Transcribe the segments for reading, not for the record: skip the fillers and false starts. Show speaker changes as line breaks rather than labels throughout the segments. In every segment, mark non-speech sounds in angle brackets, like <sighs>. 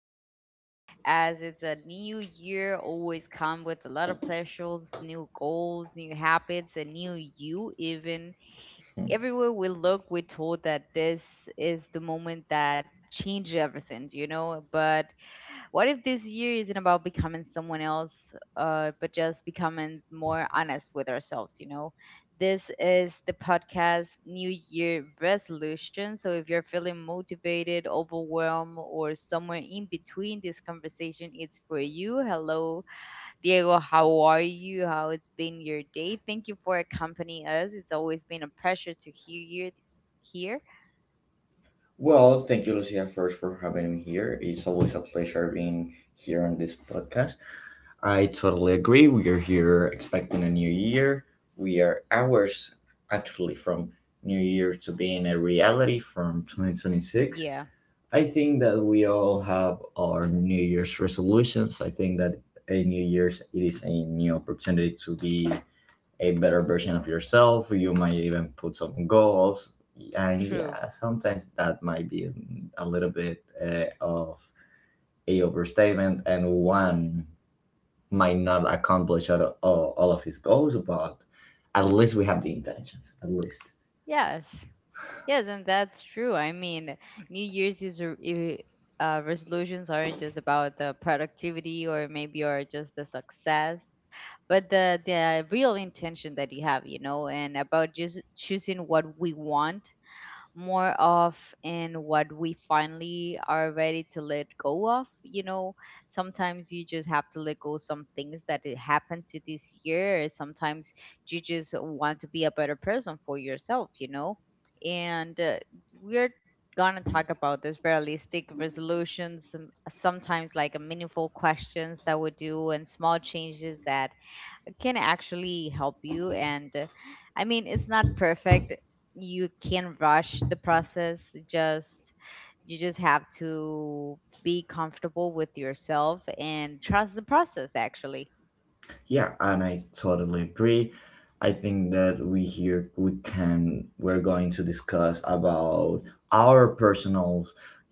today, as it's a new year, always come with a lot of pleasures, new goals, new habits, and new you. Even everywhere we look, we're told that this is the moment that changes everything, you know. But what if this year isn't about becoming someone else, but just becoming more honest with ourselves, you know? This is the podcast New Year Resolution. So if you're feeling motivated, overwhelmed, or somewhere in between, this conversation is for you. Hello, Diego. How are you? How it's been your day? Thank you for accompanying us. It's always been a pleasure to hear you here.
Well, thank you, Lucia, first for having me here. It's always a pleasure being here on this podcast. I totally agree. We are here expecting a new year. We are hours actually from New Year to being a reality from 2026.
Yeah,
I think that we all have our New Year's resolutions. I think that a New Year's it is a new opportunity to be a better version of yourself. You might even put some goals, and
true.
yeah, sometimes that might be a little bit of a overstatement, and one might not accomplish all of his goals, but at least we have the intentions. At least.
Yes. Yes, and that's true. I mean, New Year's is a- I- resolutions aren't just about the productivity or maybe or just the success, but the real intention that you have, you know, and about just choosing what we want more of in what we finally are ready to let go of. You know, sometimes you just have to let go some things that it happened to this year. Sometimes you just want to be a better person for yourself, you know? And We're gonna talk about this realistic resolutions and sometimes like a meaningful questions that we do and small changes that can actually help you and I mean, it's not perfect, you can not rush the process, just, you just have to be comfortable with yourself and trust the process actually.
Yeah, and I totally agree. I think that we here we can we're going to discuss about our personal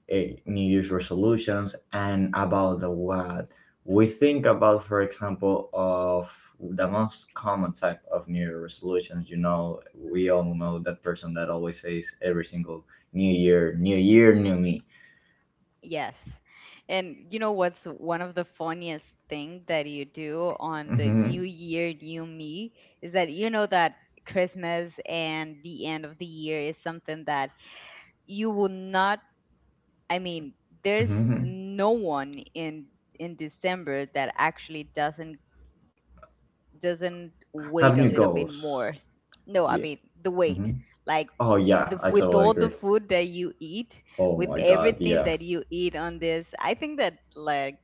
New Year's resolutions and about the what we think about, for example, of the most common type of New Year resolutions. You know, we all know that person that always says every single New Year, New Year, New Me.
Yes, and you know what's one of the funniest thing that you do on the
Mm-hmm.
new year new me is that you know that Christmas and the end of the year is something that you will not, I mean, there's
Mm-hmm.
no one in December that actually doesn't
Have
wait a
new
little bit
goals.
more. No, I
Yeah.
mean the
Mm-hmm.
wait. Like,
Oh yeah,
the
I
with
totally
all the
agree.
food that you eat,
Oh
with
my god,
everything
yeah.
that you eat on this, I think that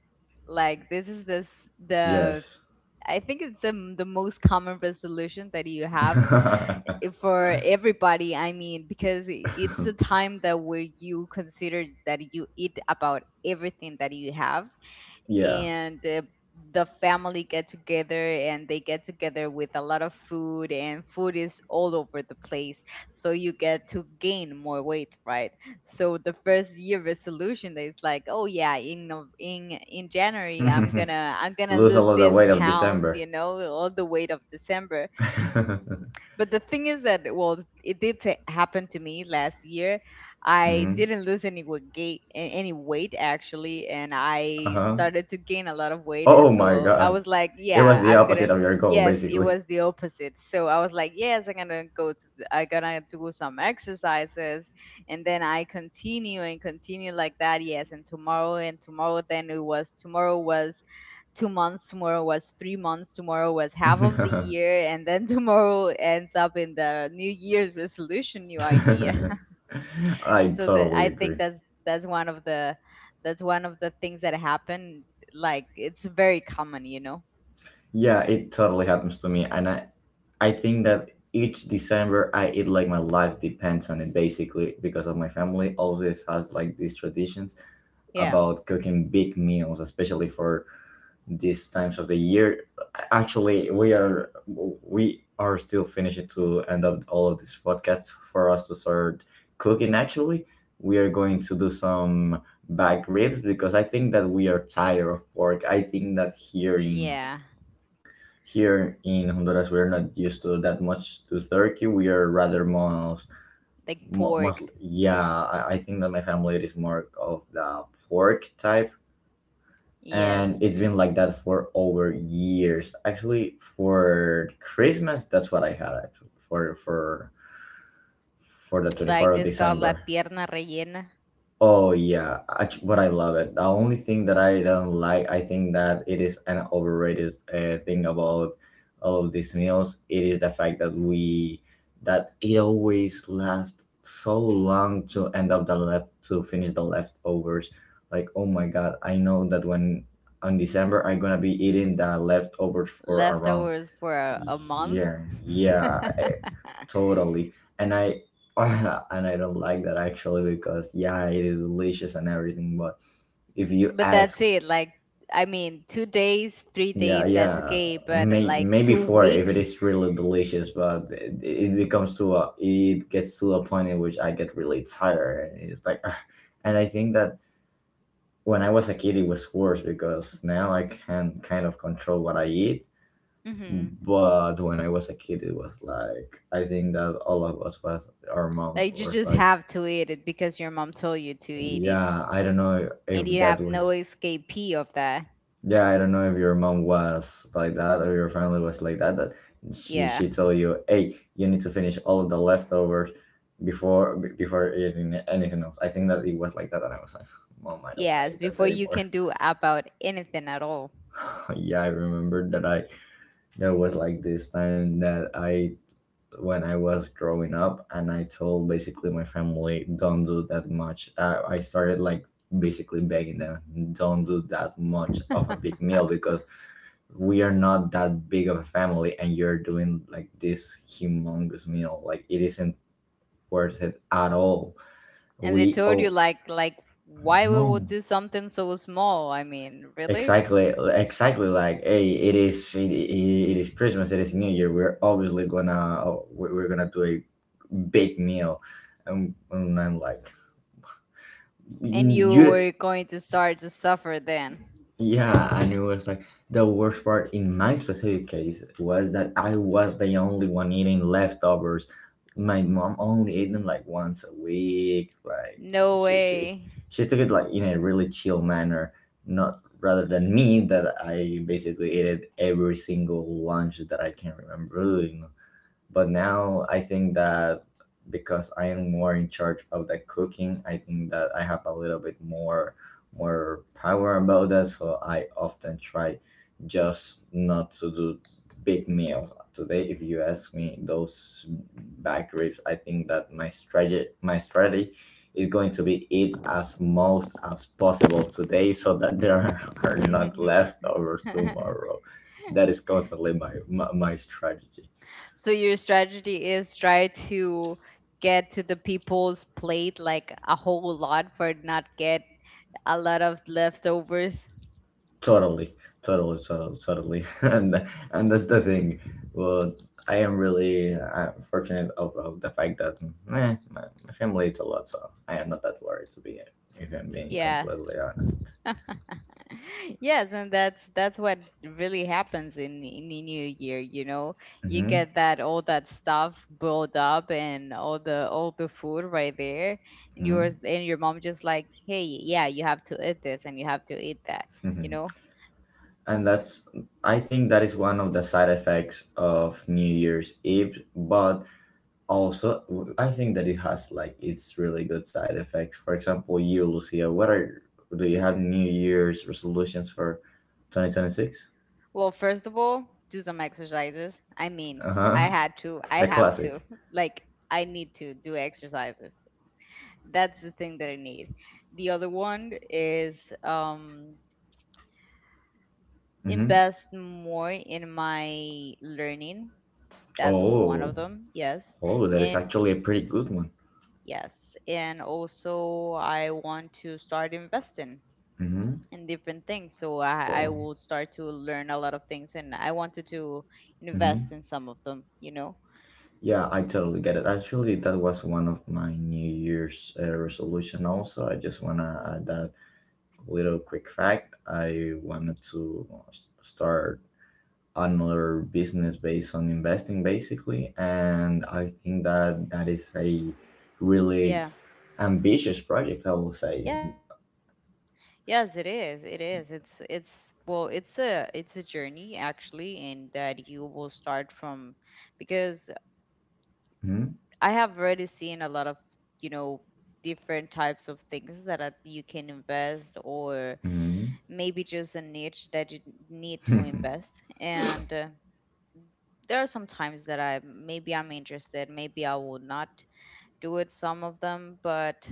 like this is this the
Yes.
I think it's the most common resolution that you have
<laughs>
for everybody, I mean, because it's a time that where you consider that you eat about everything that you have.
Yeah.
And The family get together and they get together with a lot of food and food is all over the place, so you get to gain more weight, right? So the first year resolution is like, oh yeah, in Nov- in January I'm
<laughs>
gonna, I'm gonna
Lose
lose
all of the
these
weight of
pounds,
December.
you know, all the weight of December.
<laughs>
But the thing is that, well, it did happen to me last year. I
Hmm.
didn't lose any wa- gait, a- any weight actually, and I
Uh-huh.
started to gain a lot of weight. And
Oh my
so I
god.
was like,
It was
yeah,
the
I'm gonna.
opposite of your goal,
Yes, it
basically.
was the opposite. So I was like, yes, I'm gonna go to. The, I'm gonna do some exercises, and then I continue and continue like that. Yes, and tomorrow and tomorrow. Then it was tomorrow was 2 months, tomorrow was 3 months, tomorrow was half of the
<laughs>
year, and then <laughs> tomorrow ends up in the new year's resolution new idea. <laughs>
I
So that,
totally
I think
agree.
that's that's one of the that's one of the things that happen, like it's very common, you know.
Yeah, it totally happens to me. I think that each December I eat like my life depends on it, basically, because of my family always has like these traditions
Yeah,
about cooking big meals, especially for these times of the year. Actually, we are still finishing to end up all of this podcast for us to start cooking. Actually, we are going to do some back ribs because I think that we are tired of pork. I think that
yeah,
here in Honduras we are not used to that much to turkey. We are rather most,
like pork.
mostly yeah. I think that my family is more of the pork type,
Yes,
and it's been like that for over years. Actually, for Christmas, that's what I had actually for the twenty
like
fourth of
this called la
December.
pierna rellena.
Oh yeah, but I love it. The only thing that I don't like, I think that it is an overrated thing about all of these meals. It is the fact that we that it always lasts so long to finish the leftovers. Like oh my god, I know that when on December I'm gonna be eating the leftovers for around
Leftovers for a month.
yeah,
<laughs>
totally. And I <laughs> and I don't like that actually because yeah, it is delicious and everything, but if you
But that's
ask,
it. Like, I mean, 2 days, three
yeah,
days, that's
yeah,
okay. But like
maybe
two
four if it
weeks,
is really delicious, but it gets to a point in which I get really tired. And It's like, <sighs> ah. And I think that when I was a kid, it was worse because now I can kind of control what I eat.
hmm.
But when I was a kid, it was like I think that all of us was our moms
Like, you
was
just
like,
have to eat it because your mom told you to eat it,
yeah, I don't know if
and you
that
have no
was
escapee of that.
yeah, I don't know if your mom was like that or your family was like that. That
Yeah,
she told you, hey, you need to finish all of the leftovers before eating anything else. I think that it was like that, and I was like, mom, I don't want to
yes.
eat that
Before you
anymore.
can do about anything at all.
<laughs> Yeah, I remember that I there was like this time that I when I was growing up, and I told basically my family, don't do that much. I started like basically begging them, don't do that
<laughs>
much
And
of a big meal because we are not that big of a family, and you're doing like this humongous meal. Like, it isn't worth it at all.
they
We,
told you
oh,
like, why we would
no.
do something so small. I mean, really?
Exactly, exactly. Like, hey, it is Christmas. It is New Year. We're we're gonna do a big meal, and, I'm like,
And you
you
were going to start to suffer then.
yeah, and it was like the worst part in my specific case was that I was the only one eating leftovers. My mom only ate them like once a week. Like,
No
she, she,
way.
she took it like in a really chill manner, not rather than me that I basically ate it every single lunch that I can remember. But now I think that because I am more in charge of the cooking, I think that I have a little bit more power about that. So I often try just not to do big meals. Today, if you ask me, those back ribs, I think that my strategy is going to be eat as most as possible today so that there are <laughs> are not leftovers
<laughs>
tomorrow. That is constantly my strategy.
So your strategy is try to get to the people's plate like a whole lot for not get a lot of leftovers.
Totally, totally. <laughs> And that's the thing. Well, I am really fortunate of the fact that my family is a lot, so I am not that worried to be, if I'm being
Yeah.
completely honest.
<laughs> Yes, and that's what really happens in the new year, you know. You
Mm-hmm,
get that all that stuff built up and all the food right there and yours and your mom just like, "Hey, yeah, you have to eat this and you have to eat that." You
mm-hmm.
know?
<laughs> And that's, I think that is one of the side effects of New Year's Eve, but also I think that it has like its really good side effects. For example, you Lucia, what are do you have New Year's resolutions for 2026?
Well, first of all, do some exercises. I mean,
Uh-huh.
I
The
have
classic.
to. <laughs> Like, I need to do exercises. That's the thing that I need. The other one is
Mm-hmm.
invest more in my learning. That's one
Oh.
of them. Yes.
Oh, that is
And
actually a pretty good one.
yes. And also, I want to start investing
Mm-hmm.
in different things. So I
Cool.
will start to learn a lot of things and I wanted to invest
Mm-hmm.
in some of them, you know?
Yeah, I totally get it. Actually, that was one of my New Year's resolution also. I just want to add that little quick fact. I wanted to start another business based on investing, basically, and I think that that is a really
Yeah.
ambitious project, I will say.
Yes, it is. It is. It's well, it's a journey actually, and that you will start from because
Hmm.
I have already seen a lot of, you know, different types of things that are, you can invest or
Hmm.
maybe just a niche that you need to invest. And There are some times that I maybe I'm interested, maybe I will not, do it some of them, but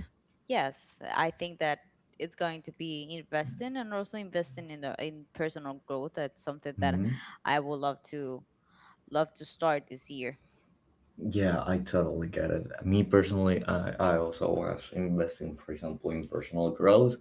yes, I think that it's going to be investing and also investing in the in personal growth. That's something that
Hmm.
I would love to, love to start this year.
Yeah, I totally get it. Me personally, I also was investing, for example, in personal growth.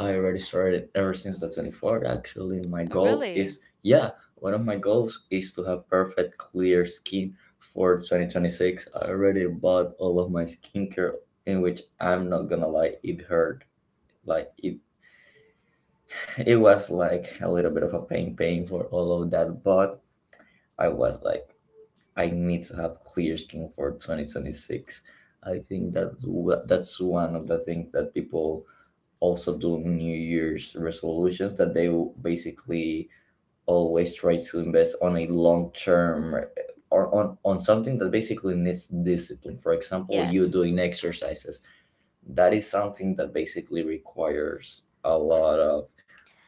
I already started ever since the 24th. Actually, my goal
Really?
is, yeah, one of my goals is to have perfect clear skin for 2026. I already bought all of my skincare, in which I'm not gonna lie, it hurt. Like it, <laughs> it was like a little bit of a pain for all of that. But I was like, I need to have clear skin for 2026. I think that's that's one of the things that people also do New Year's resolutions that they will basically always try to invest on a long term, or on something that basically needs discipline. For example, you
Yes,
doing exercises. That is something that basically requires a lot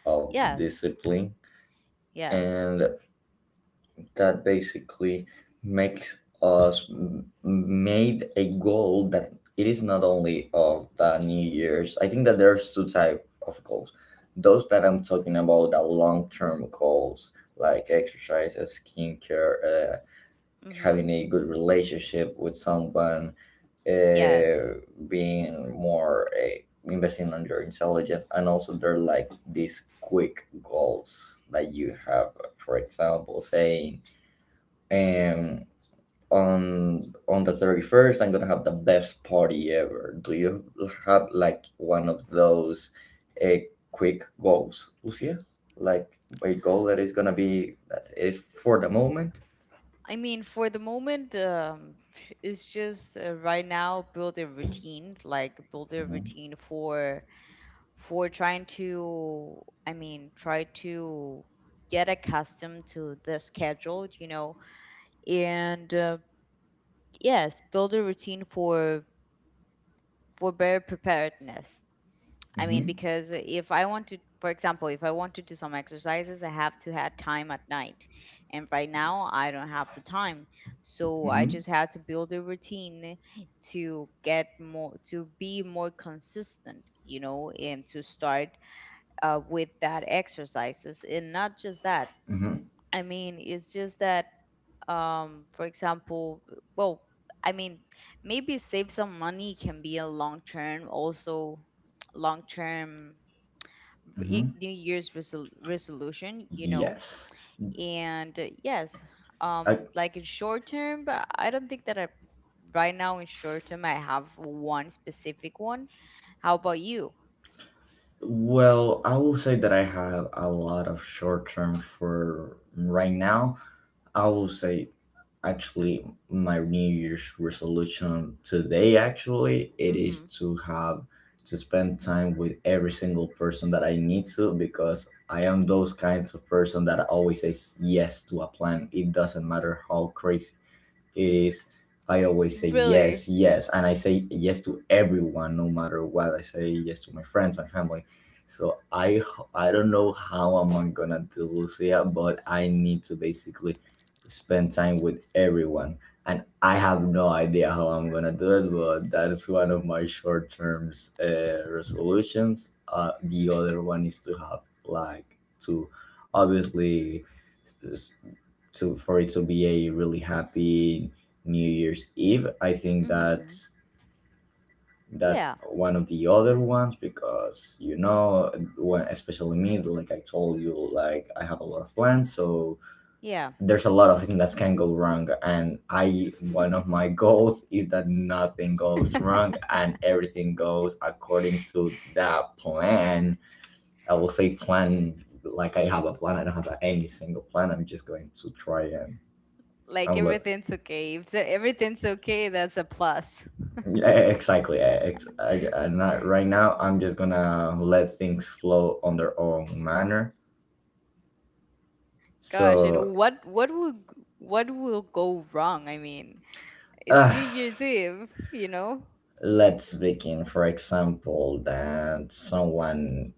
of
yes,
discipline.
yes,
And that basically made a goal that it is not only of the New Year's. I think that there's two type of goals, those that I'm talking about, the long-term goals, like exercises, skincare, having
mm-hmm,
a good relationship with someone,
yes.
uh, being more investing on your intelligence, and also they're like these quick goals that you have, for example, saying and on the 31st I'm gonna have the best party ever. Do you have like one of those uh, quick goals, Lucia? Like a goal that is gonna be that is for the moment.
I mean, for the moment, it's just right now build a routine, like build a
Mhm,
routine for for trying to try to get accustomed to the schedule, you know, and yes, build a routine for better preparedness. I mean,
mhm,
because if I want to, for example, if I want to do some exercises, I have to have time at night, and right now I don't have the time. So I just
mhm,
had to build a routine to get more to be more consistent, you know, and to start with that exercises, and not just that,
mhm,
I mean, it's just that, for example, well, I mean, maybe save some money can be a long term also, long term
mhm.
new year's resolution, you know.
Yes.
And Yes,
I,
like in short term, but I don't think that I right now in short term I have one specific one. How about you?
well, I will say that I have a lot of short term for right now. I will say, actually, my New Year's resolution today, actually, it is
Mm-hmm.
to have to spend time with every single person that I need to, because I am those kinds of person that always says yes to a plan. It doesn't matter how crazy it is, I always say
Really?
yes, yes, and I say yes to everyone, no matter what. I say yes to my friends, my family, so I don't know how I'm gonna do, Lucia, but I need to basically spend time with everyone, and I have no idea how I'm gonna do it, but that is one of my short terms resolutions. The other one is to have like to, obviously, to for it to be a really happy New Year's Eve. I think that
Mm-hmm.
that's
Yeah,
one of the other ones, because, you know, when, especially me, like I told you, like I have a lot of plans, so
yeah.
there's a lot of things that can go wrong, and I one of my goals is that nothing goes wrong
<laughs>
and everything goes according to that plan. I will say plan, like I have a plan. I don't have any single plan. I'm just going to try and
Like,
and let,
everything's okay. If everything's okay, that's a plus.
yeah, exactly. I am not right now. I'm just gonna let things flow on their own manner.
Gosh, you know
So,
what? What will go wrong? I mean, it's
uh,
New Year's Eve, you know.
let's begin. For example, that someone,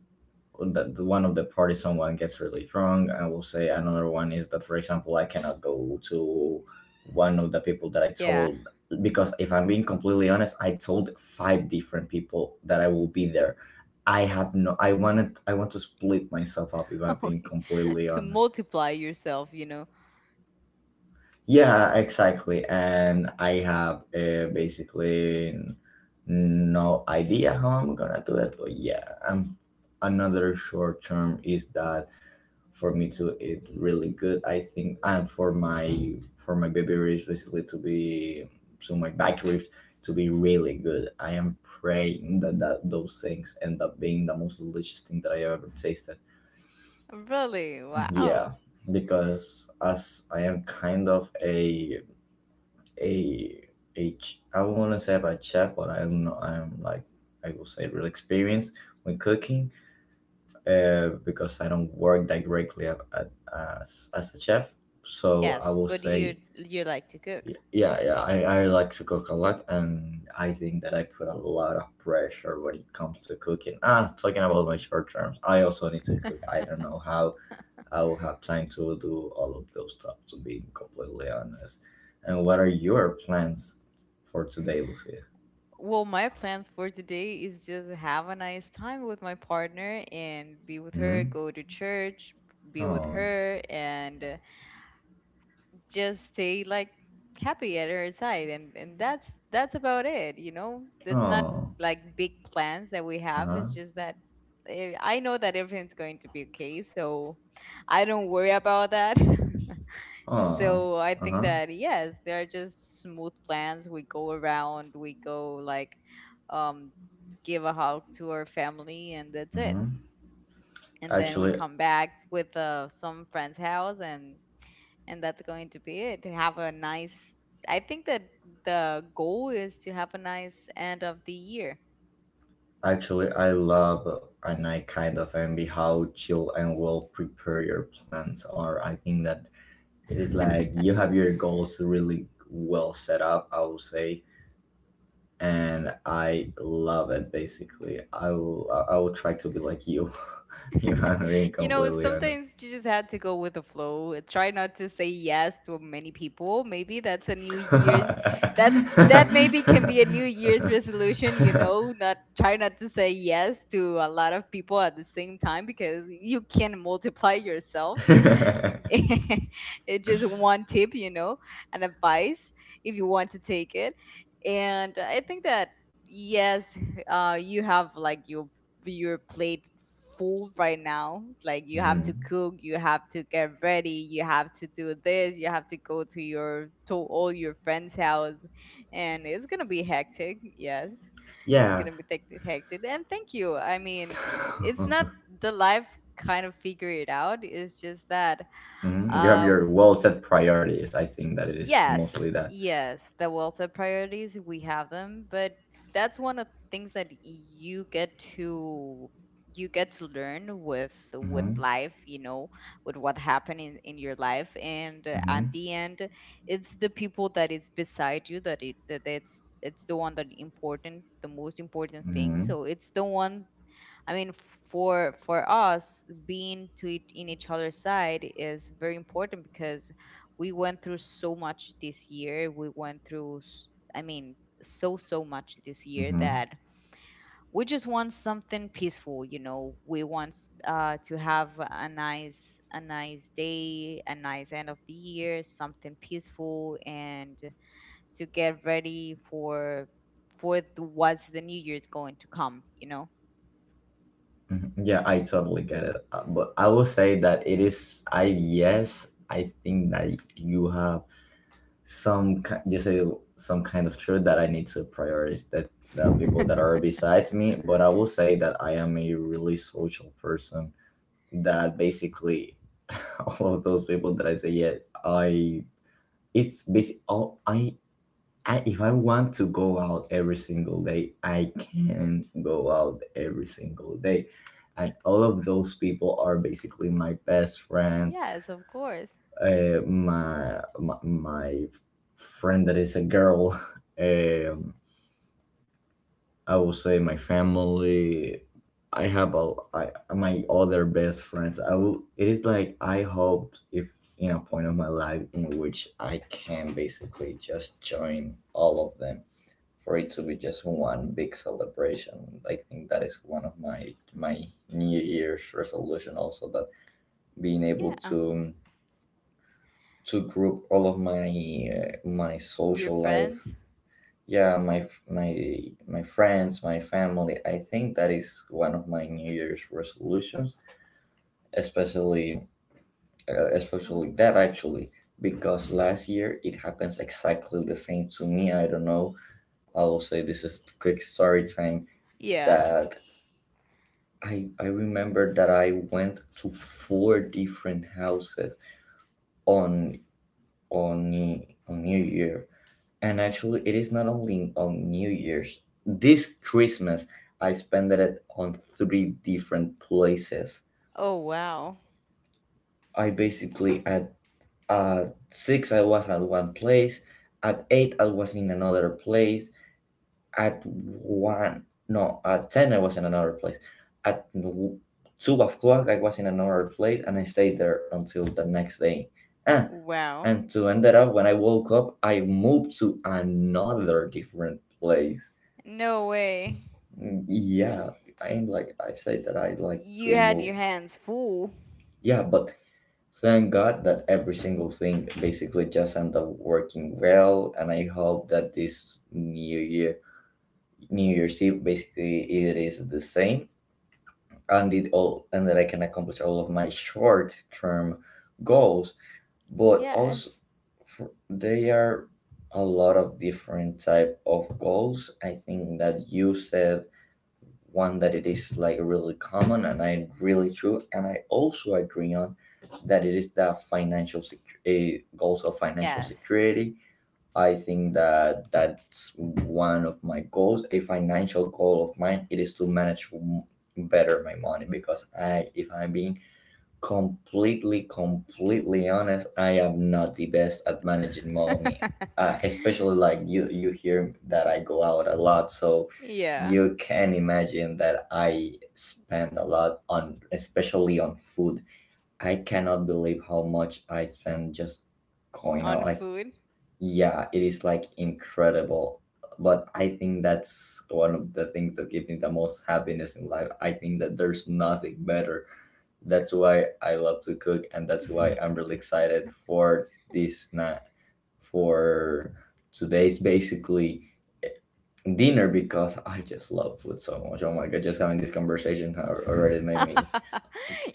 that one of the parties, someone gets really drunk. I will say another one is that, for example, I cannot go to one of the people that I
Yeah,
told, because if I'm being completely honest I told five different people that I will be there. I have no i wanted i want to split myself up, if I'm being
<laughs>
completely
to
honest.
multiply yourself, you know.
Yeah, exactly. And I have basically no idea how I'm gonna do it, but yeah, I another short term is that for me to eat really good, I think, and for my baby ribs basically to be, so my back ribs to be really good. I am praying that those things end up being the most delicious thing that I have ever tasted.
Really,
Yeah,
wow.
because as I am kind of a a I want to say about chef, but I don't know, I'm like, I will say real experience when cooking, because I don't work directly as a chef. So I
Yes,
will
but you
say,
you like to cook.
yeah, I like to cook a lot, and I think that I put a lot of pressure when it comes to cooking. Ah, talking about my short terms, I also need to cook. I don't know how I will have time to do all of those stuff, to be completely honest. And what are your plans for today, Lucia?
Well, my plans for today is just have a nice time with my partner and be with her,
Mm-hmm.
go to church, be with
Oh,
her, and just stay like happy at her side, and that's about it, you know. It's not
oh,
like big plans that we
uh
have,
huh,
it's just that, I know that everything's going to be okay, so I don't worry about that. <laughs>
oh,
So I
uh
think
huh,
that yes, there are just smooth plans, we go around, we go like, um give a hug to our family, and that's it.
mm-hmm.
And then we
Actually,
come back with some friend's house, and that's going to be it. To have a nice. I think that the goal is to have a nice end of the year.
I love and I kind of envy how chill and well prepared your plans are. I think that it is like you have your goals really well set up, I would say, and I love it basically. I will try to be like you. <laughs> If
<laughs>
I'm being
You know,
completely honest.
sometimes you just had to go with the flow. Try not to say yes to many people. Maybe that's a New Year's, that
<laughs>
that maybe can be a New Year's resolution. You know, not try not to say yes to a lot of people at the same time because you can multiply yourself. <laughs> It's just one tip, you know, an advice if you want to take it. And I think that yes, you have like your plate full right now. Like, you have to
Mhm.
cook, you have to get ready, you have to do this, you have to go to your to all your friends' house, and it's gonna be hectic. Yes, it's
Yeah.
gonna be hectic. Hectic. And thank you. I mean,
<laughs>
it's not the life kind of figure it out. It's just that
Mhm. You have
uh,
your
w-
well set priorities. I think that it is
yes,
mostly that.
yes, the welfare priorities, we have them, but that's one of things that you get to learn with
Mm-hmm.
life, you know, with what happened in your life, and at
Mm-hmm.
the end, it's the people that is beside you that it's the one that important, the most important thing.
Mm-hmm.
So it's the one, I mean, for us, being to it in each other's side is very important because we went through so much this year. We went through, I mean, so so much this year
Mm-hmm.
that we just want something peaceful. We want to have a nice day, a nice end of the year, something peaceful, and to get ready for what's the new year's going to come.
Mm-hmm. Yeah, I totally get it. But I will say that it is. I Yes, I think that you have some. Ki- You say some kind of truth that I need to prioritize, that the people that are
<laughs>
beside me. But I will say that I am a really social person. That basically <laughs> all of those people that I say yeah, I it's basic. All I, if I want to go out every single day, I can go out every single day. And all of those people are basically my best friend,
Yes, of course.
my friend that is a girl, <laughs> um, I will say my family. I have a, I, my other best friends. It is like I hoped, if in a point of my life in which I can basically just join all of them for it to be just one big celebration. I think that is one of my New Year's resolution also, that being able
Yeah.
to group all of my my
Your
social life,
friends?
yeah, my friends, my family. I think that is one of my New Year's resolutions, especially especially that actually, because last year it happens exactly the same to me. I don't know. I will say this is quick story time,
Yeah.
that I remember that I went to four different houses on on New Year. And actually it is not only on New Year's. This Christmas I spent it on three different places.
Oh, wow.
I basically at 6 I was at one place, at 8 I was in another place. At 1, no, at 10 I was in another place. At 2 o'clock I was in another place and I stayed there until the next day. Ah,
Wow.
and to end it up, when I woke up, I moved to another different place.
No way.
Mm. Yeah, I'm like, I said that
Y-
I like
You
to
had
move.
your hands full.
Yeah, but thank God that every single thing basically just ended up working well. And I hope that this new year, New Year's Eve, basically it is the same and did all, and that I can accomplish all of my short-term goals, but
Yes.
also for, there are a lot of different type of goals. I think that you said one that it is like really common and I really true, and I also agree on that it is the goals of financial
Yes.
security. I think that that's one of my goals. A financial goal of mine it is to manage better my money, because I, if I'm being completely honest, I am not the best at managing money.
<laughs>
Especially like you hear that I go out a lot, so
Yeah.
you can imagine that I spend a lot on, especially on food. I cannot believe how much I spend just going
On
out. I
food. <laughs>
Yeah, it is like incredible. But I think that's one of the things that give me the most happiness in life. I think that there's nothing better. That's why I love to cook, and that's why I'm really excited for this night, for today's basically dinner, because I just love food so much. Oh my god, just having this conversation already made me.
<laughs>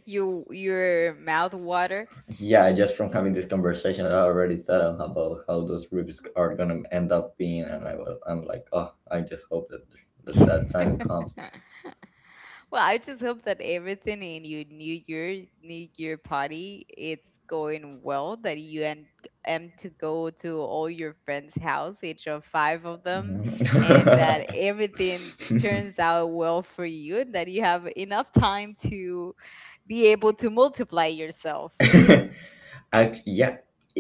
You your mouth water.
Yeah, just from having this conversation, I already thought of about how those reviews are gonna end up being, and I was, I'm like, oh, I just hope that that time comes.
<laughs> <laughs> Well, I just hope that everything in your new year party, it's going well, that you and am to go to all your friends' house, each of five of them,
Mhm.
and that everything turns out well for you, and that you have enough time to be able to multiply yourself.
<laughs> Yeah,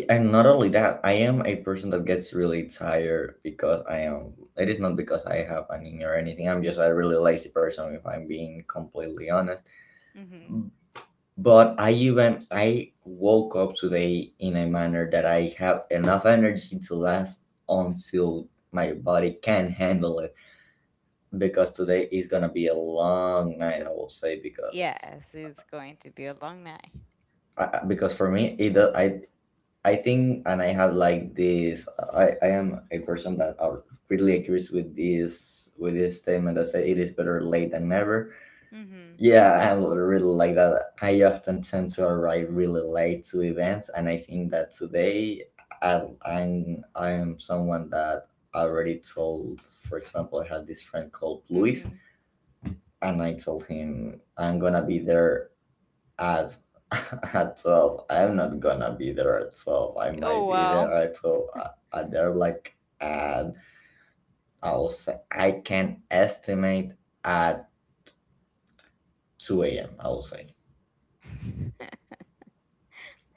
and not only that, I am a person that gets really tired, because I am. It is not because I have anemia or anything. I'm just a really lazy person, if I'm being completely honest.
Hmm.
But I even I woke up today in a manner that I have enough energy to last until my body can handle it, because today is gonna be a long night, I will say, because
Yes, it's going to be a long night.
because for me I think, and I have like this, I am a person that are really agrees with this statement that say it is better late than never.
Hmm.
Yeah, I really like that. I often tend to arrive really late to events, and I think that today I am someone that already told. For example, I had this friend called Luis,
Hmm.
and I told him I'm gonna be there at <laughs> at 12. I'm not gonna be there at 12. I might
Oh,
be there
wow.
at 12. I there like at, I will say I can estimate at two a.m. I will say.
<laughs>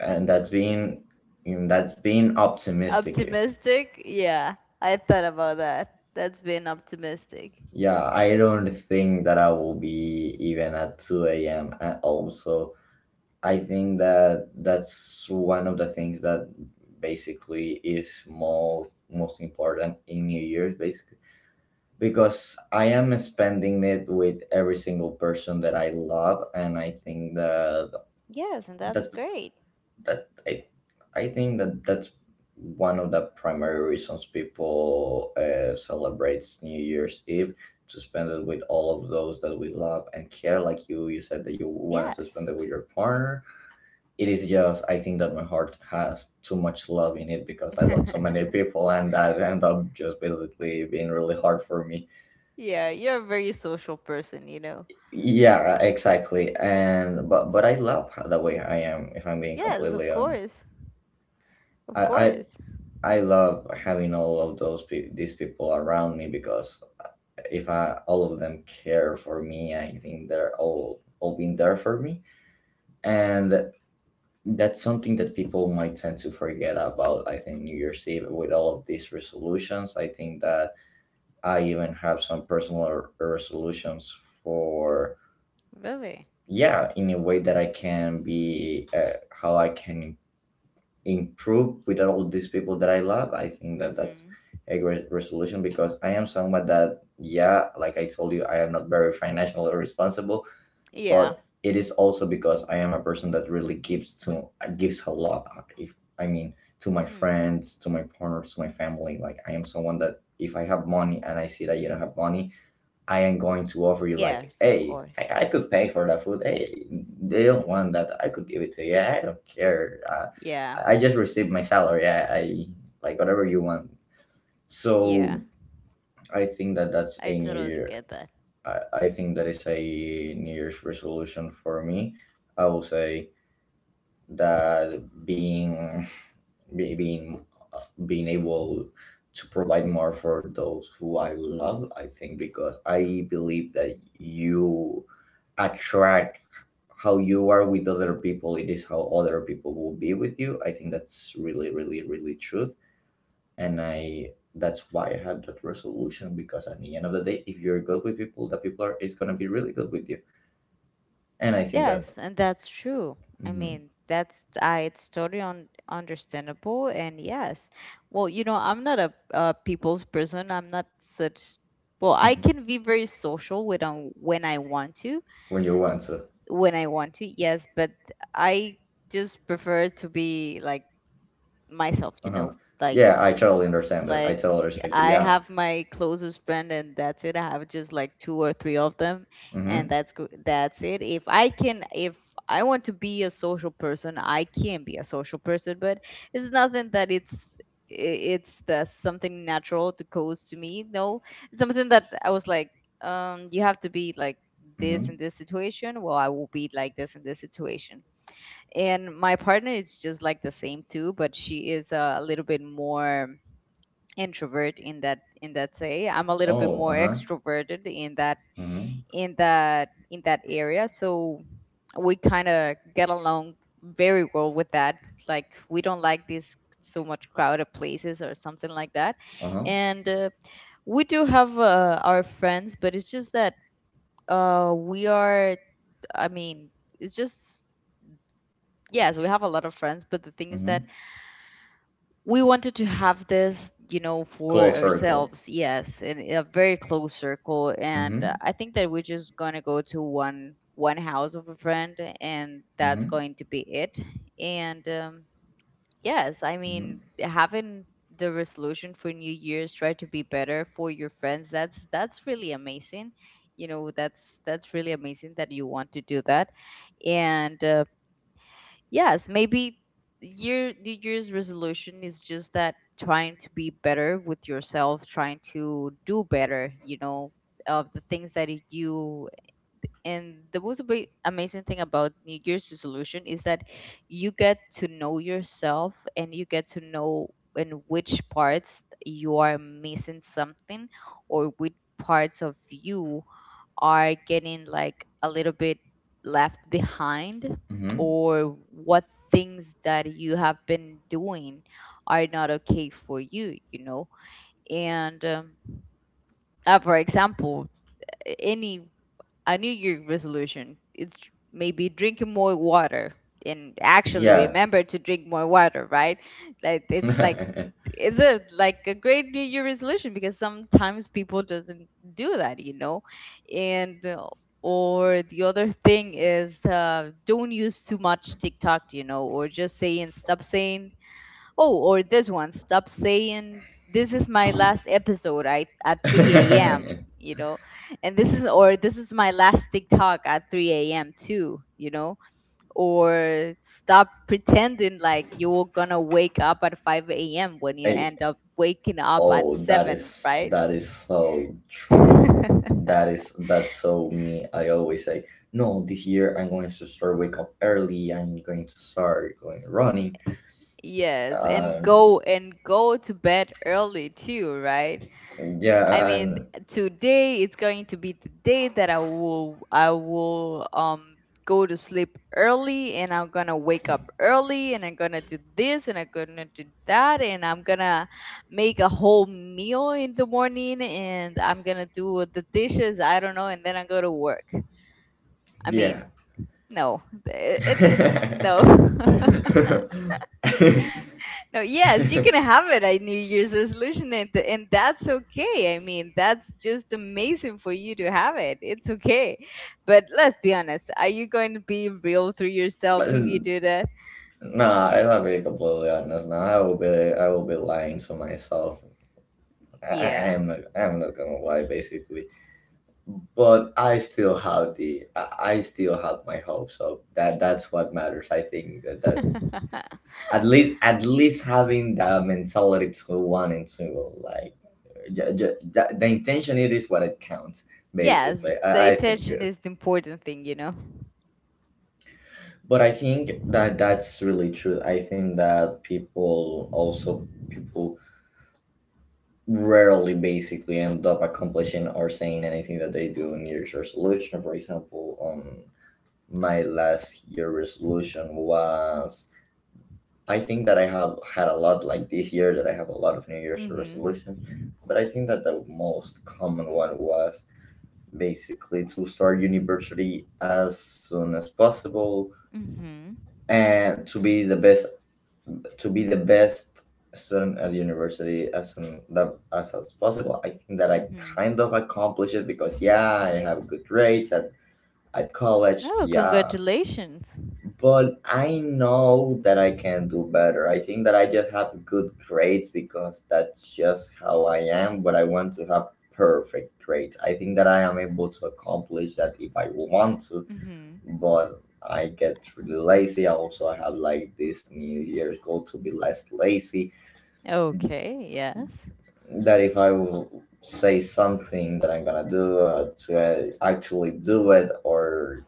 And that's been, that's been optimistic.
Optimistic? Yeah, I thought about that. That's being optimistic.
Yeah, I don't think that I will be even at 2 a.m., and also I think that that's one of the things that basically is most important in New Year's, basically, because I am spending it with every single person that I love, and I think that
Yes, and that's
the
great.
that I that's one of the primary reasons people celebrates New Year's Eve, to spend it with all of those that we love and care. Like you said that you wanted to
Yes.
spend it with your partner. It is just I think that my heart has too much love in it because I love so many
<laughs>
people, and that end up just basically being really hard for me.
Yeah, you're a very social person, you know.
Yeah, exactly. And but I love the way I am. If I'm being
Yes, of
completely honest,
course. Of
I I
course.
I love having all of those these people around me, because if I all of them care for me, I think they're all been there for me, and that's something that people might tend to forget about. I think New Year's Eve with all of these resolutions, I think that I even have some personal resolutions for,
Really?
yeah, in a way that I can be, how I can improve with all these people that I love, I think that that's
Mhm.
a great resolution, because I am someone that, yeah, like I told you, I am not very financially responsible,
Yeah.
but it is also because I am a person that really gives a lot. If I mean, to my
Hmm.
friends, to my partners, to my family, like I am someone that if I have money and I see that you don't have money, I am going to offer you like,
Yes, of
hey,
course.
I could pay for that food. Hey, they don't want that. I could give it to you. I don't care.
Yeah.
I just received my salary. I like, whatever you want.
Yeah.
So I think that that's
I
a new
totally
year.
get that.
I think that is a New Year's resolution for me. I will say that being be- being being able to provide more for those who I love. I think, because I believe that you attract how you are with other people, it is how other people will be with you. I think that's really, really, really truth. And I That's why I had that resolution, because at the end of the day if you're good with people, the people are is going to be really good with you. And I think that.
Yes, and that's true.
Mhm.
That's I it's totally un understandable and yes. Well, you know, I'm not a people's person. I'm not such, well, I
Mhm.
can be very social when I want to,
When you want to.
when I want to. Yes, but I just prefer to be like myself, you
Uh-huh.
know, like
Yeah, I totally understand that. I
like
totally respect it.
I
Yeah.
have my closest friend and that's it. I have just like two or three of them and
Mm-hmm.
that's it. If I can if I want to be a social person, I can be a social person, but it's nothing that it's i- it's the something natural that goes to me. No, it's something that I was like, you have to be like this
Mm-hmm.
in this situation. Well, I will be like this in this situation, and my partner is just like the same too, but she is a little bit more introvert in that say. I'm a little bit
Oh,
more
uh-huh.
extroverted
Mm-hmm.
in that area, so we kind of get along very well with that. Like we don't like these so much crowded places or something like that.
Uh-huh.
And we do have our friends, but it's just that we are, i mean it's just yes, we have a lot of friends, but the thing is that
Hmm.
we wanted to have this, you know, for
Close circle.
ourselves, yes, in a very close circle. And
Mm-hmm.
I think that we're just going to go to one house of a friend and that's
Mm-hmm.
going to be it. And yes, I
Mm-hmm.
mean having the resolution for new year's, try to be better for your friends, that's really amazing, you know, that's really amazing that you want to do that. And yes, maybe your New Year's resolution is just that, trying to be better with yourself, trying to do better, you know, of the things that you. And the most amazing thing about New Year's resolution is that you get to know yourself and you get to know in which parts you are missing something, or which parts of you are getting like a little bit left behind,
Hmm.
or what things that you have been doing are not okay for you, you know. And for example, any a New Year resolution, it's maybe drinking more water and actually
Yeah.
remember to drink more water, right? Like it's like,
<laughs>
it's a like a great New Year resolution because sometimes people doesn't do that, you know. And or the other thing is, don't use too much TikTok, you know, or just saying, stop saying, oh, or this one, stop saying this is my last episode at 3 a.m.,
<laughs>
you know, and this is, or this is my last TikTok at 3 a.m. too, you know, or stop pretending like you're gonna wake up at 5 a.m. when you
Hey!
end up waking up at
Oh,
7 a.m., right?
that is so true.
<laughs>
That is that's so me. I always say, no, this year I'm going to start wake up early. I'm going to start going running.
Yes,
Um,
and go to bed early too, right?
yeah,
I mean, today it's going to be the day that I will go to sleep early, and I'm gonna wake up early, and I'm gonna do this, and I'm gonna do that, and I'm gonna make a whole meal in the morning, and I'm gonna do the dishes, I don't know, and then I go to work. I mean,
yeah.
no, it's no. <laughs>
<laughs>
No, yes, you can have it a New Year's resolution, and that's okay. I mean, that's just amazing for you to have it. It's okay. But let's be honest, are you going to be real through yourself if you do that?
Nah, I love be completely honest. Nah, I will be lying to myself. I, I
Yeah.
am I'm not gonna lie. Basically, but I still have the I still have my hope. So that that's what matters. I think that
<laughs>
at least having the mentality to want and to like the intention it is what it counts
Yes,
basically.
the
I think
intention
good.
is the important thing, you know?
But I think that that's really true. I think that people also people rarely basically end up accomplishing or saying anything that they do in New Year's resolution, for example. My last year resolution was I think that I have had a lot like this year that I have a lot of New Year's
Mm hmm.
resolutions, but I think that the most common one was basically to start university as soon as possible
Mm hmm.
and to be the best to be the best student at university as soon as possible. I think that I
Mm hmm.
kind of accomplished it because yeah, I have good grades at college.
Oh,
Yeah,
congratulations.
but I know that I can do better. I think that I just have good grades because that's just how I am, but I want to have perfect grades. I think that I am able to accomplish that if I want to,
Mm hmm.
but I get really lazy. I also have like this New Year's goal to be less lazy.
Okay, yes.
That if I will say something that I'm gonna do to actually do it or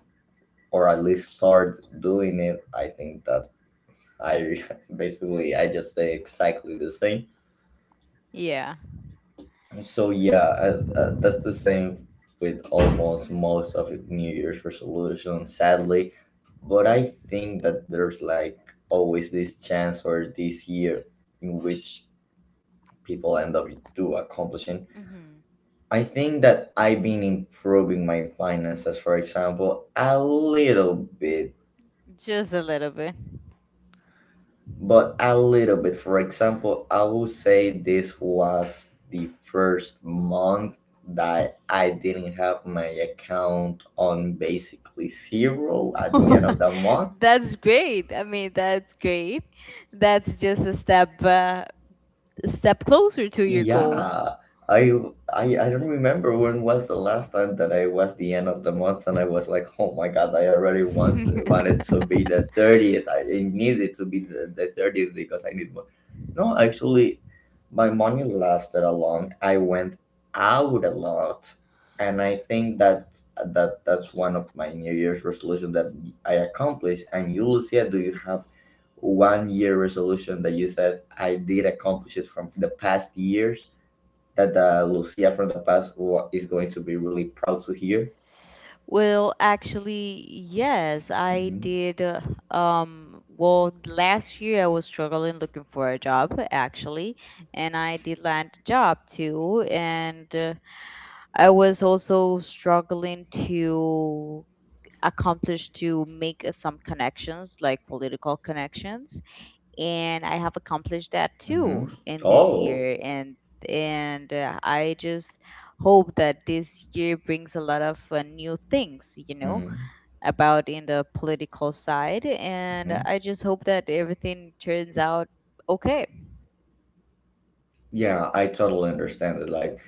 at least start doing it, I think that I <laughs> basically I just say exactly the same.
Yeah.
So yeah, that's the same with almost most of New Year's resolution, sadly. But I think that there's like always this chance for this year in which people end up do accomplishing.
Mm hmm.
I think that I've been improving my finances, for example, a little bit
Just a little bit.
but a little bit. For example, I will say this was the first month that I didn't have my account on basically zero at the end of the
<laughs>
month.
That's great. I mean, that's great. That's just a step closer to your goal.
Yeah, I I don't remember when was the last time that I was the end of the month and I was like, oh my god, I already once wanted to
<laughs>
be the 30th. I needed to be the 30th because I need more. No, actually, my money lasted a long. I went out a lot, and I think that that's one of my New Year's resolution that I accomplished. And you, Lucia, do you have one year resolution that you said I did accomplish it from the past years that the Lucia from the past is going to be really proud to hear.
Well, actually, yes, I
Mm-hmm.
did. Well, last year I was struggling looking for a job, actually, and I did land a job too. And I was also struggling to accomplish, to make some connections, like political connections, and I have accomplished that too
Mm-hmm.
in this
Oh.
year. And I just hope that this year brings a lot of new things, you know,
Mm-hmm.
about in the political side, and
Hmm.
I just hope that everything turns out okay.
Yeah, I totally understand it. Like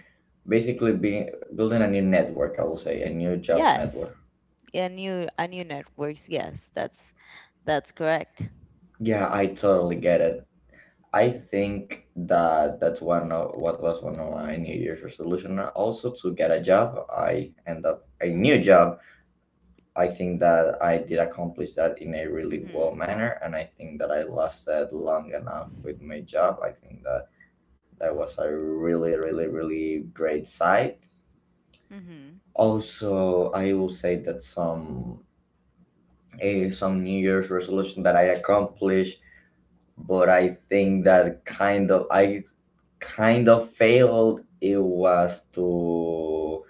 basically being building a new network, I will say a new job
Yes.
network.
Yeah, new a new networks, yes, that's correct.
Yeah, I totally get it. I think that that's one of what was one of my New Year's resolution. Also, to get a job, I end up a new job. I think that I did accomplish that in a really well
Mhm.
manner, and I think that I lasted long enough with my job. I think that that was a really, really, really great site.
Mhm.
Also, I will say that some New Year's resolution that I accomplished but I think that kind of failed it was to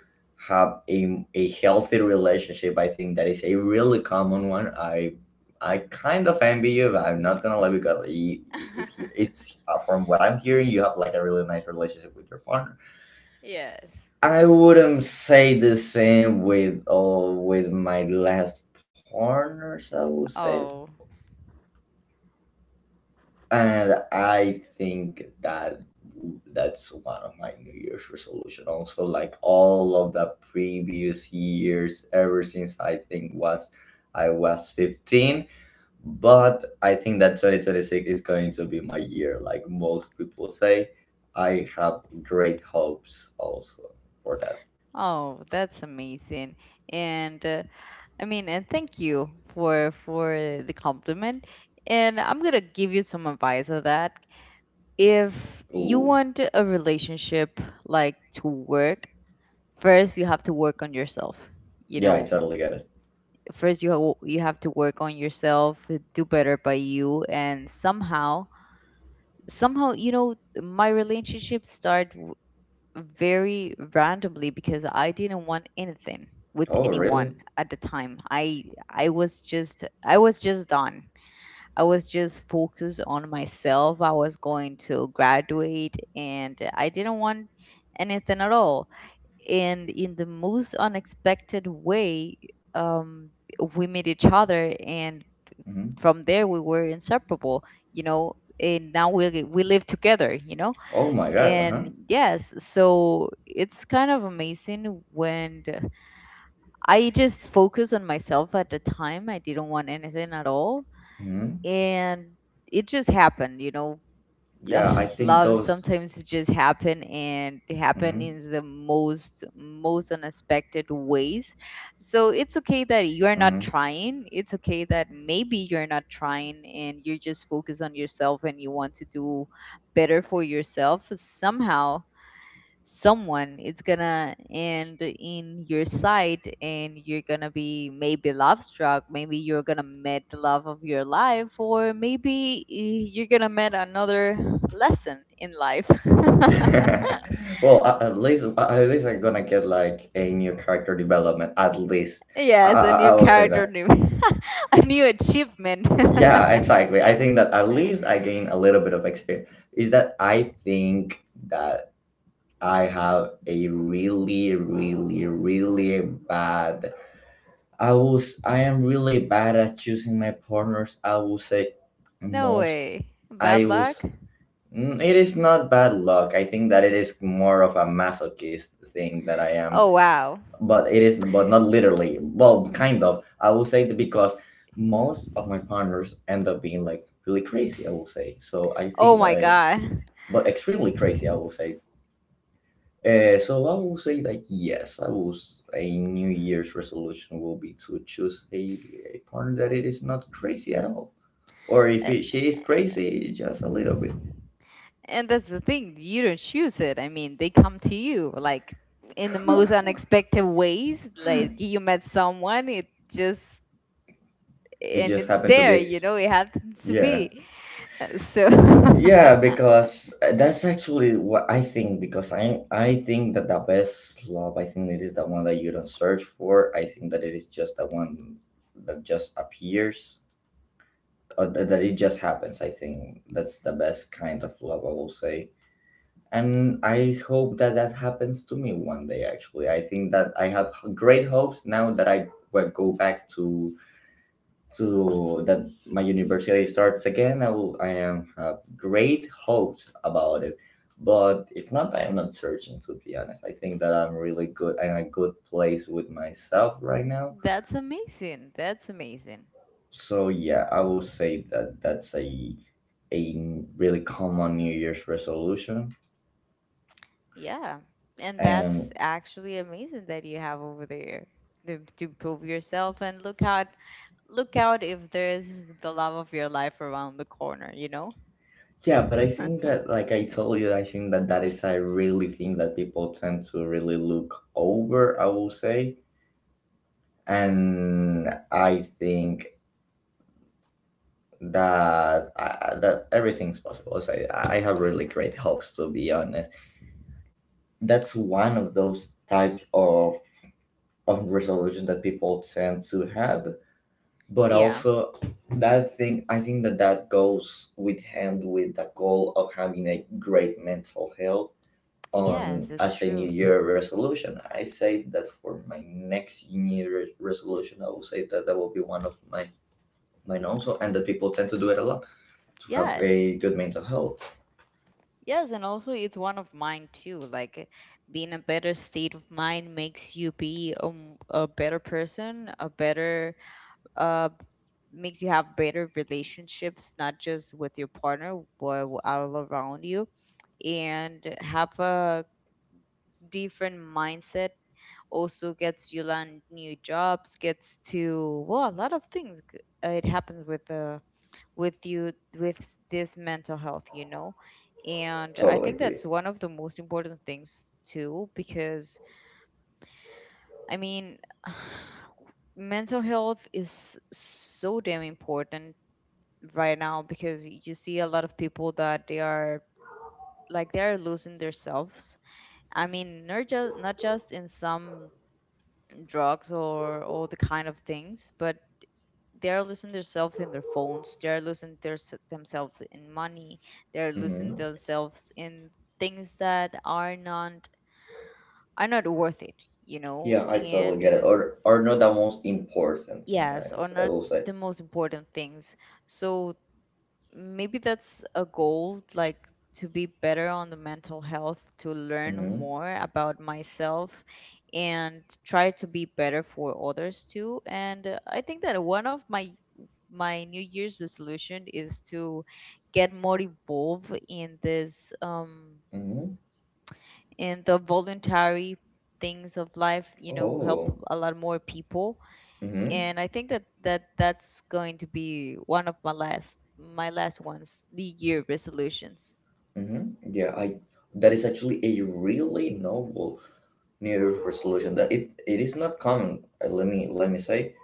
have a healthy relationship. I think that is a really common one. I kind of envy you. But I'm not gonna lie because
<laughs>
it's from what I'm hearing, you have like a really nice relationship with your partner.
Yes.
I wouldn't say the same with all with my last partners. I would say
Oh.
and I think that that's one of my New Year's resolution. Also, like all of the previous years, ever since I was 15. But I think that 2026 is going to be my year. Like most people say, I have great hopes also for that.
Oh, that's amazing. And I mean, and thank you for the compliment. And I'm gonna give you some advice of that. If you
Ooh,
want a relationship like to work, first you have to work on yourself. You
yeah, I
know,
totally get it.
first you you have to work on yourself, do better by you, and somehow somehow, you know, my relationship start very randomly because I didn't want anything with
Oh, really?
anyone at the time. I was just, I was just done. I was just focused on myself. I was going to graduate and I didn't want anything at all. And in the most unexpected way, um, we met each other, and
Hmm.
from there we were inseparable, you know, and now we live together, you know.
Oh my God. Uh huh.
And yes, so it's kind of amazing when I just focus on myself at the time, I didn't want anything at all,
Hmm.
and it just happened, you know.
Yeah, I
Ugh,
think
love
those.
sometimes it just happen, and it happen
Mm-hmm.
in the most most unexpected ways. So it's okay that you are not
Mm-hmm.
trying, it's okay that maybe you're not trying and you're just focused on yourself and you want to do better for yourself. Somehow someone it's gonna end in your sight, and you're gonna be maybe love struck, maybe you're gonna meet the love of your life, or maybe you're gonna meet another lesson in life.
<laughs> Well, at least at least I'm gonna get like a new character development. At least
<laughs>
I,
Yes,
I
a
I
new
will say
character
that.
new. <laughs> A new achievement.
Yeah, exactly. I think that at least I gain a little bit of experience. Is that I think that I have a really, really, really bad. I am really bad at choosing my partners. I will say
<laughs> No
most.
way, bad
I
luck.
was. It is not bad luck. I think that it is more of a masochist thing that I am
Oh wow.
but it is, but not literally well kind of I will say that because most of my partners end up being like really crazy I will say, so I
Oh
think that
my god.
but extremely crazy I will say. So I will say like yes I a New Year's resolution will be to choose a partner that it is not crazy at all or if
Eh,
it, she is crazy just a little bit.
And that's the thing, you don't choose it. I mean, they come to you like in the most
<laughs>
unexpected ways. Like you met someone, it just,
It
and
just
it's
happened to
there,
be.
you know, it happens to
Yeah.
be. So
Yeah, because that's actually what I think. Because I think that the best love, I think it is the one that you don't search for. I think that it is just the one that just appears, or that, that it just happens. I think that's the best kind of love, I will say. And I hope that that happens to me one day. Actually, I think that I have great hopes now that I will go back to that my university starts again, I will I am have great hopes about it. But if not, I am not searching to be honest. I think that I'm really good in a good place with myself right
<laughs>
now.
that's amazing. That's amazing.
So yeah, I will say that that's a really common New Year's resolution.
Yeah. And that's
And
actually amazing that you have over there to prove yourself and look out, look out if there's the love of your life around the corner, you know?
yeah, but I think
<laughs>
that like I told you, I think that that is a really thing that people tend to really look over. I will say and I think that that everything's possible. So I have really great hopes to be honest. That's one of those types of resolution that people tend to have. But
Yeah.
also, that thing I think that that goes with hand with the goal of having a great mental health
Yes,
on
it's
as a New
true.
Year resolution. I say that for my next New Year resolution, I will say that that will be one of my mine also, and that people tend to do it a lot to have
Yes.
a good mental health.
Yes, and also it's one of mine too. Like being a better state of mind makes you be a better person, a better uh makes you have better relationships, not just with your partner but all around you, and have a different mindset also gets you land new jobs, gets to, well, a lot of things it happens with you with this mental health, you know. And I
Totally
think
agree.
that's one of the most important things too, because i mean <sighs> mental health is so damn important right now because you see a lot of people that they are like they're losing themselves. I mean, not just not just in some drugs or all the kind of things, but they're losing themselves in their phones, they're losing themselves in money, they're losing
Hmm.
themselves in things that are not, are not worth it, you know.
Yeah, I totally
And
get it. Or not the most important thing.
yes, are
I
not
will say.
the most important things. So maybe that's a goal, like to be better on the mental health, to learn
Mm-hmm.
more about myself and try to be better for others too. And I think that one of my my New Year's resolution is to get more involved in this
Mm-hmm.
in the voluntary things of life, you know, help
Oh.
a lot more people.
Mm-hmm.
And I think that that's going to be one of my last ones, the year resolutions.
Mm-hmm. Yeah, I. That is actually a really noble New Year's resolution. That it is not common. Let me say.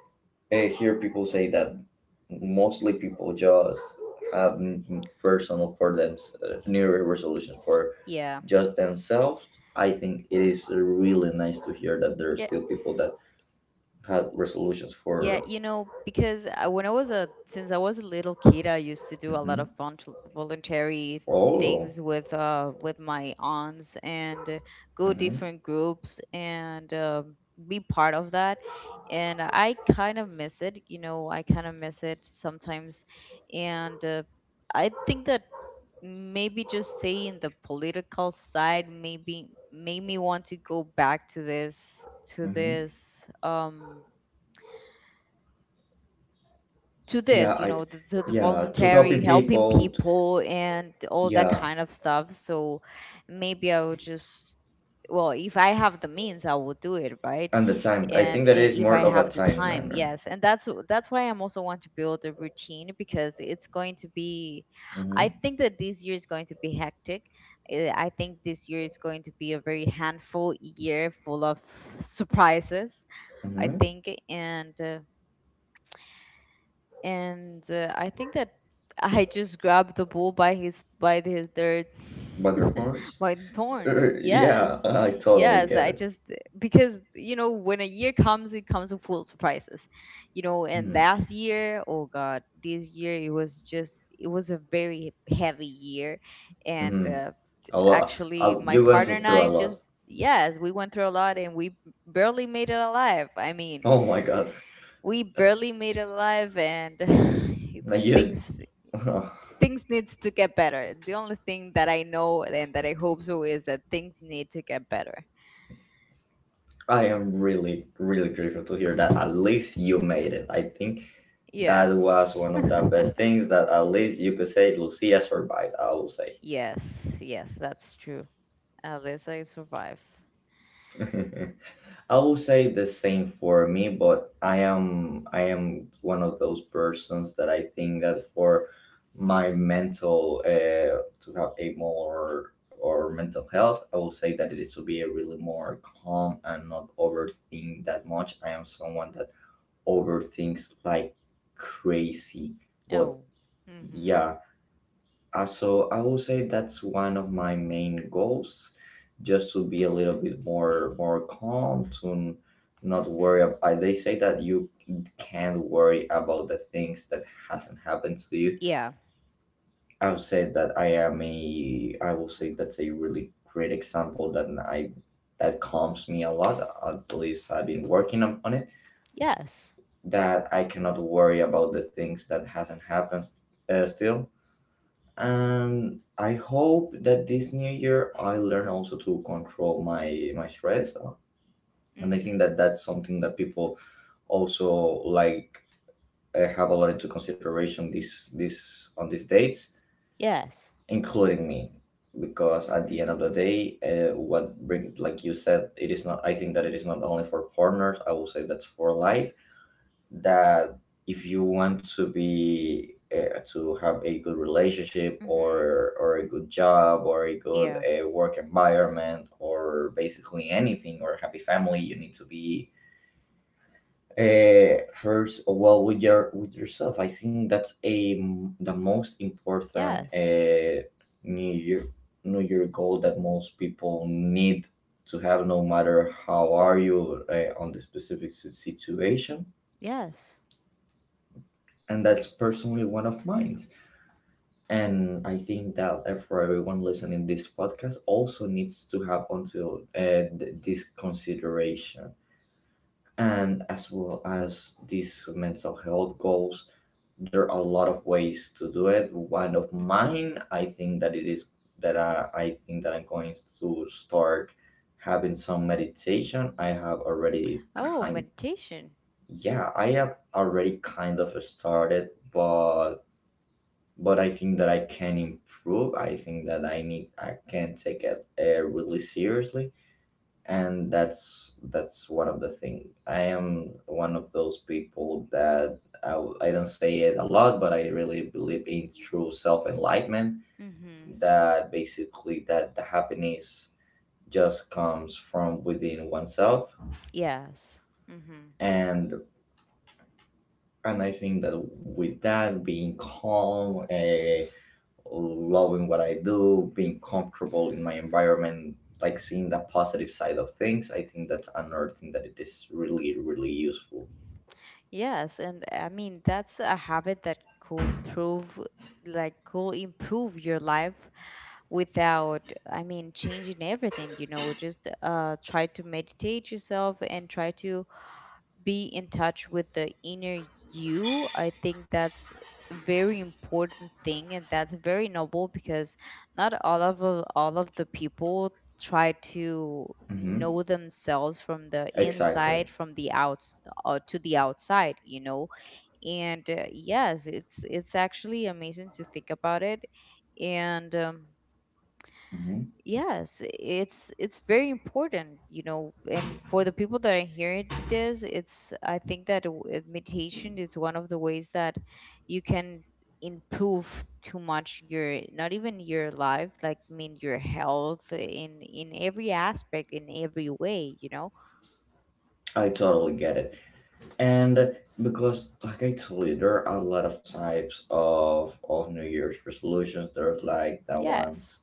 I hear people say that mostly people just have personal for them New Year's resolutions for
Yeah.
just themselves. I think it is really nice to hear that there are
Yeah,
still people that had resolutions
yeah,
for.
you know, because I, when I was a since I was a little kid, I used to do a lot
Mm-hmm.
of volunteer voluntary things
All.
with my aunts and go
Mm-hmm.
different groups and be part of that. And I kind of miss it, you know, I kind of miss it sometimes. And I think that maybe just stay in the political side maybe made me want to go back to
Mm-hmm.
this to
Yeah,
this you know the
yeah, to
voluntary
helping
helping
people.
people and all that
Yeah,
kind of stuff. So maybe I would just, well, if I have the means I will do it, right?
and the time. I
and
think that it
i-
is
if I
more of a
have the
time
time,
manner.
yes. And that's that's why I'm also want to build a routine because it's going to be, I
Mm-hmm.
think that this year is going to be hectic. I think this year is going to be a very handful year full of surprises, I
Mm-hmm.
think. And I think that <laughs> I just grabbed the bull by his by the their
Butter
<laughs>
horse.
by the thorns.
<laughs> Yeah,
Yes,
I totally
yes.
get
I
it.
just, because you know when a year comes, it comes with full surprises, you know. And
Mm-hmm.
last year, oh God, this year it was a very heavy year, and
Mm-hmm. A lot.
actually
A,
my
you went
partner and
through a
I just,
lot.
yes, we went through a lot and we barely made it alive. I mean,
Oh my god.
we barely made it alive, and
I
<sighs>
just.
things
<laughs>
things needs to get better. The only thing that I know and that I hope so is that things need to get better.
I am really, really grateful to hear that. At least you made it. I think
Yeah.
that was one of the
<laughs>
best things that at least you could say Lucia survived, I will say.
Yes, yes, that's true. At least I survive.
<laughs> I will say the same for me, but I am one of those persons that I think that for my mental to have a more or mental health, I will say that it is to be a really more calm and not overthink that much. I am someone that overthinks like crazy, but
Oh. Hmm.
yeah. So I will say that's one of my main goals, just to be a little bit more calm, to not worry.
Hmm.
I they say that you can't worry about the things that hasn't happened to you.
Yeah.
I've said that I am a. I will say that's a really great example that I that calms me a lot. At least I've been working on it.
Yes.
That I cannot worry about the things that hasn't happened still. And I hope that this new year I learn also to control my stress, and I think
Hmm.
that that's something that people also, like, have a lot into consideration this on these dates,
Yes.
including me, because at the end
Hmm.
of the day, what bring, like you said, it is not. I think that it is not only for partners. I will say that's for life, that if you want to be to have a good relationship
Hmm.
or a good job or a good
Yeah.
work environment or basically anything or happy family, you need to be first well with your with yourself. I think that's a the most important
Yes.
new year new year goal that most people need to have, no matter how are you on the specific situation,
Yes.
and that's personally one of mine. And I think that for everyone listening this podcast also needs to have onto this consideration. And as well as these mental health goals, there are a lot of ways to do it. One of
Hmm.
mine, I think that it is that I think that I'm going to start having some meditation. I have already
Oh,
kind,
meditation.
yeah, I have already kind of started, but I think that I can improve. I think that I need I can take it really seriously, and that's one of the thing. I am one of those people that I, I don't say it a lot, but I really believe in true self enlightenment.
Hmm.
That basically that the happiness just comes from within oneself,
Yes. Hmm.
and and I think that with that being calm, loving what I do, being comfortable in my environment, like seeing the positive side of things. I think that's another thing that it is really, really useful.
Yes, and I mean that's a habit that could prove like could improve your life without, I mean, changing everything, you know, just try to meditate yourself and try to be in touch with the inner you. I think that's a very important thing, and that's very noble because not all of the people try to
hmm
know themselves from the
Exactly.
inside from the outs to the outside, you know. And Yes, it's actually amazing to think about it, and
hmm
yes, it's very important, you know. And for the people that are hearing this, it's, I think that meditation is one of the ways that you can improve too much your, not even your life, like I mean your health in every aspect in every way, you know.
I totally get it. And because, like I told you, there are a lot of types of New Year's resolutions. There's like the
Yes.
ones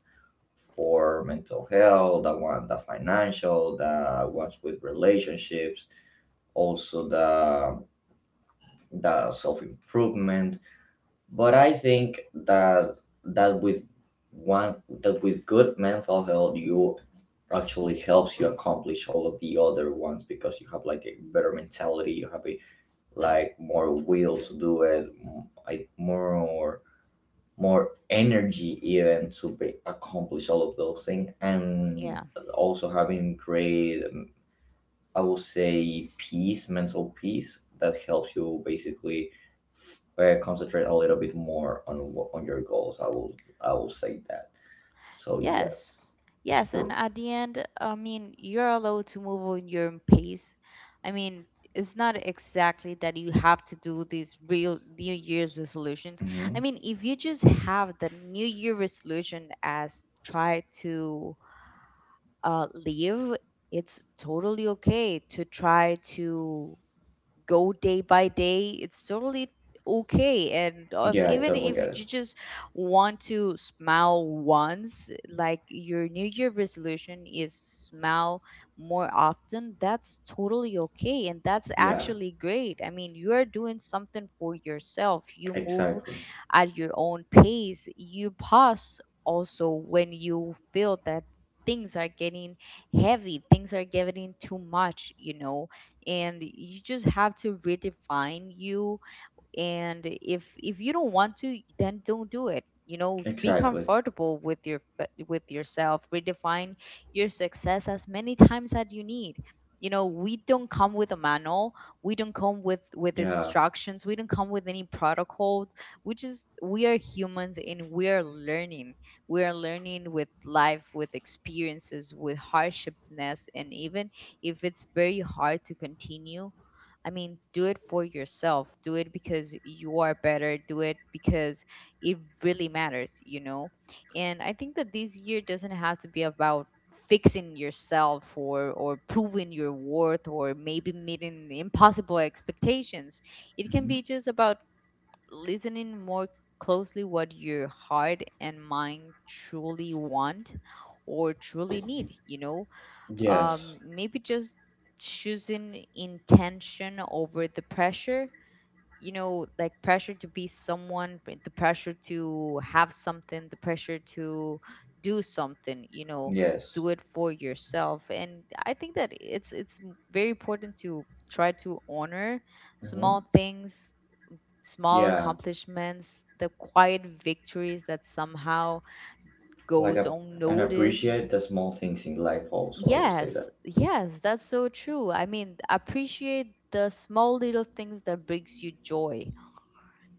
for mental health, the one the financial, the ones with relationships, also the self improvement. But I think that that with one that with good mental health you actually helps you accomplish all of the other ones because you have like a better mentality, you have a, like more will to do it, like more energy even to be, accomplish all of those things, and
Yeah.
also having great, I will say, peace, mental peace that helps you basically concentrate a little bit more on on your goals. I will say that. So
Yes,
yes,
yes, and
for.
at the end, I mean, you're allowed to move on your own pace. I mean, it's not exactly that you have to do these real New Year's resolutions. I
hmm
mean, if you just have the New Year resolution as try to live, it's totally okay. To try to go day by day, it's totally okay. And if,
yeah, I
even
totally
if you
get it.
just want to smile once, like your new year resolution is smile more often, that's totally okay, and that's
Yeah,
actually great. I mean, you are doing something for yourself. You move
exactly,
at your own pace. You pause also when you feel that things are getting heavy, things are getting too much, you know. And you just have to redefine you. And if you don't want to, then don't do it, you know. Be
exactly.
comfortable with your, with yourself. Redefine your success as many times as you need, you know. We don't come with a manual. We don't come with
Yeah.
instructions. We don't come with any protocols. We just, we are humans and we are learning. We are learning with life, with experiences, with hardships. And even if it's very hard to continue, I mean, do it for yourself. Do it because you are better. Do it because it really matters, you know? And I think that this year doesn't have to be about fixing yourself or proving your worth or maybe meeting impossible expectations. It can be
hmm
just about listening more closely what your heart and mind truly want or truly need, you know?
yes,
Maybe just choosing intention over the pressure, you know, like pressure to be someone, but the pressure to have something, the pressure to do something, you know.
yes.
Do it for yourself. And I think that it's very important to try to honor
hmm
small things, small
Yeah,
accomplishments, the quiet victories that somehow
like
goes
a, and
unnoticed.
appreciate the small things in life. Also, I will say
Yes,
that.
yes, that's so true. I mean, appreciate the small little things that brings you joy.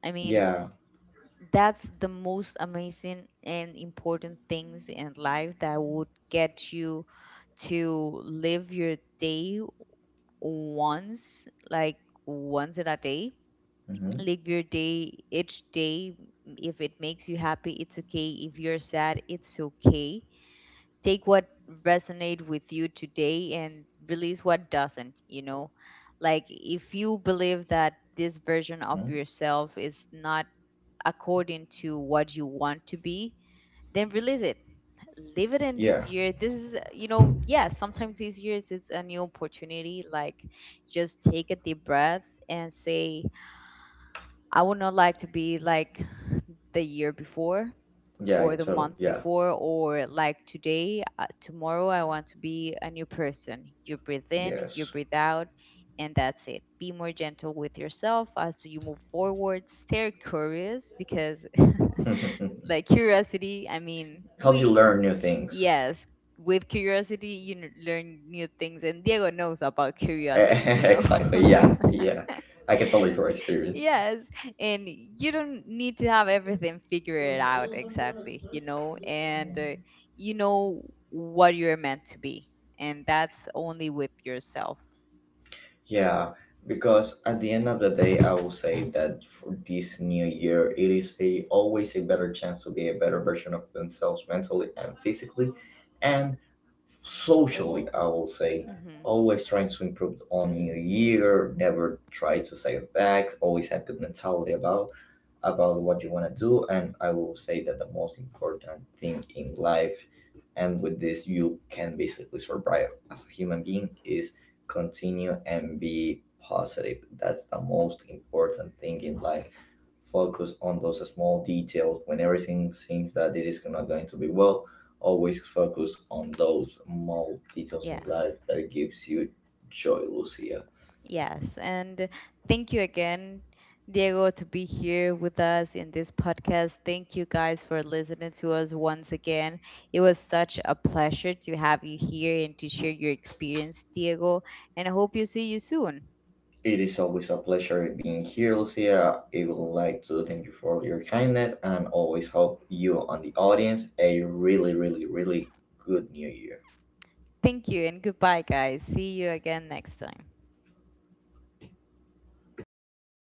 I mean,
Yeah.
that's the most amazing and important things in life that would get you to live your day once, like once in a day.
hmm
Live your day each day. If it makes you happy, it's okay. If you're sad, it's okay. Take what resonate with you today and release what doesn't, you know. Like if you believe that this version of
hmm
yourself is not according to what you want to be, then release it. Leave it in this
Yeah.
year. This is, you know, yeah, sometimes these years it's a new opportunity. Like just take a deep breath and say, I would not like to be like the year before
Yeah. I
or the
totally.
month
Yeah.
before or like today. Tomorrow I want to be a new person. You breathe in, you
Yes.
breathe out, and that's it. Be more gentle with yourself as you move forward. Stay curious because <laughs>
<laughs>
like curiosity, I mean,
Helps you
we,
learn new things.
yes, with curiosity you learn new things. And Diego knows about
<laughs>
curiosity, you know.
Exactly. Yeah. Yeah.
<laughs>
I can tell you from experience.
Yes, and you don't need to have everything figured out exactly, you know, and you know what you're meant to be, and that's only with yourself.
Yeah. Because at the end of the day, I will say that for this new year, it is a always a better chance to be a better version of themselves mentally and physically, and socially. I will say
Hmm.
always trying to improve on new year. Never try to say back. Always have good mentality about what you want to do. And I will say that the most important thing in life, and with this you can basically survive as a human being, is continue and be positive. That's the most important thing in life. Focus on those small details when everything seems that it is not going to be well. Always focus on those small details in life
Yes,
that gives you joy, Lucia.
yes, and thank you again, Diego, to be here with us in this podcast. Thank you guys for listening to us once again. It was such a pleasure to have you here and to share your experience, Diego, and I hope you see you soon.
It is always a pleasure being here, Lucia. I would like to thank you for your kindness and always hope you and the audience a really, really, really good new year.
Thank you and goodbye, guys. See you again next time.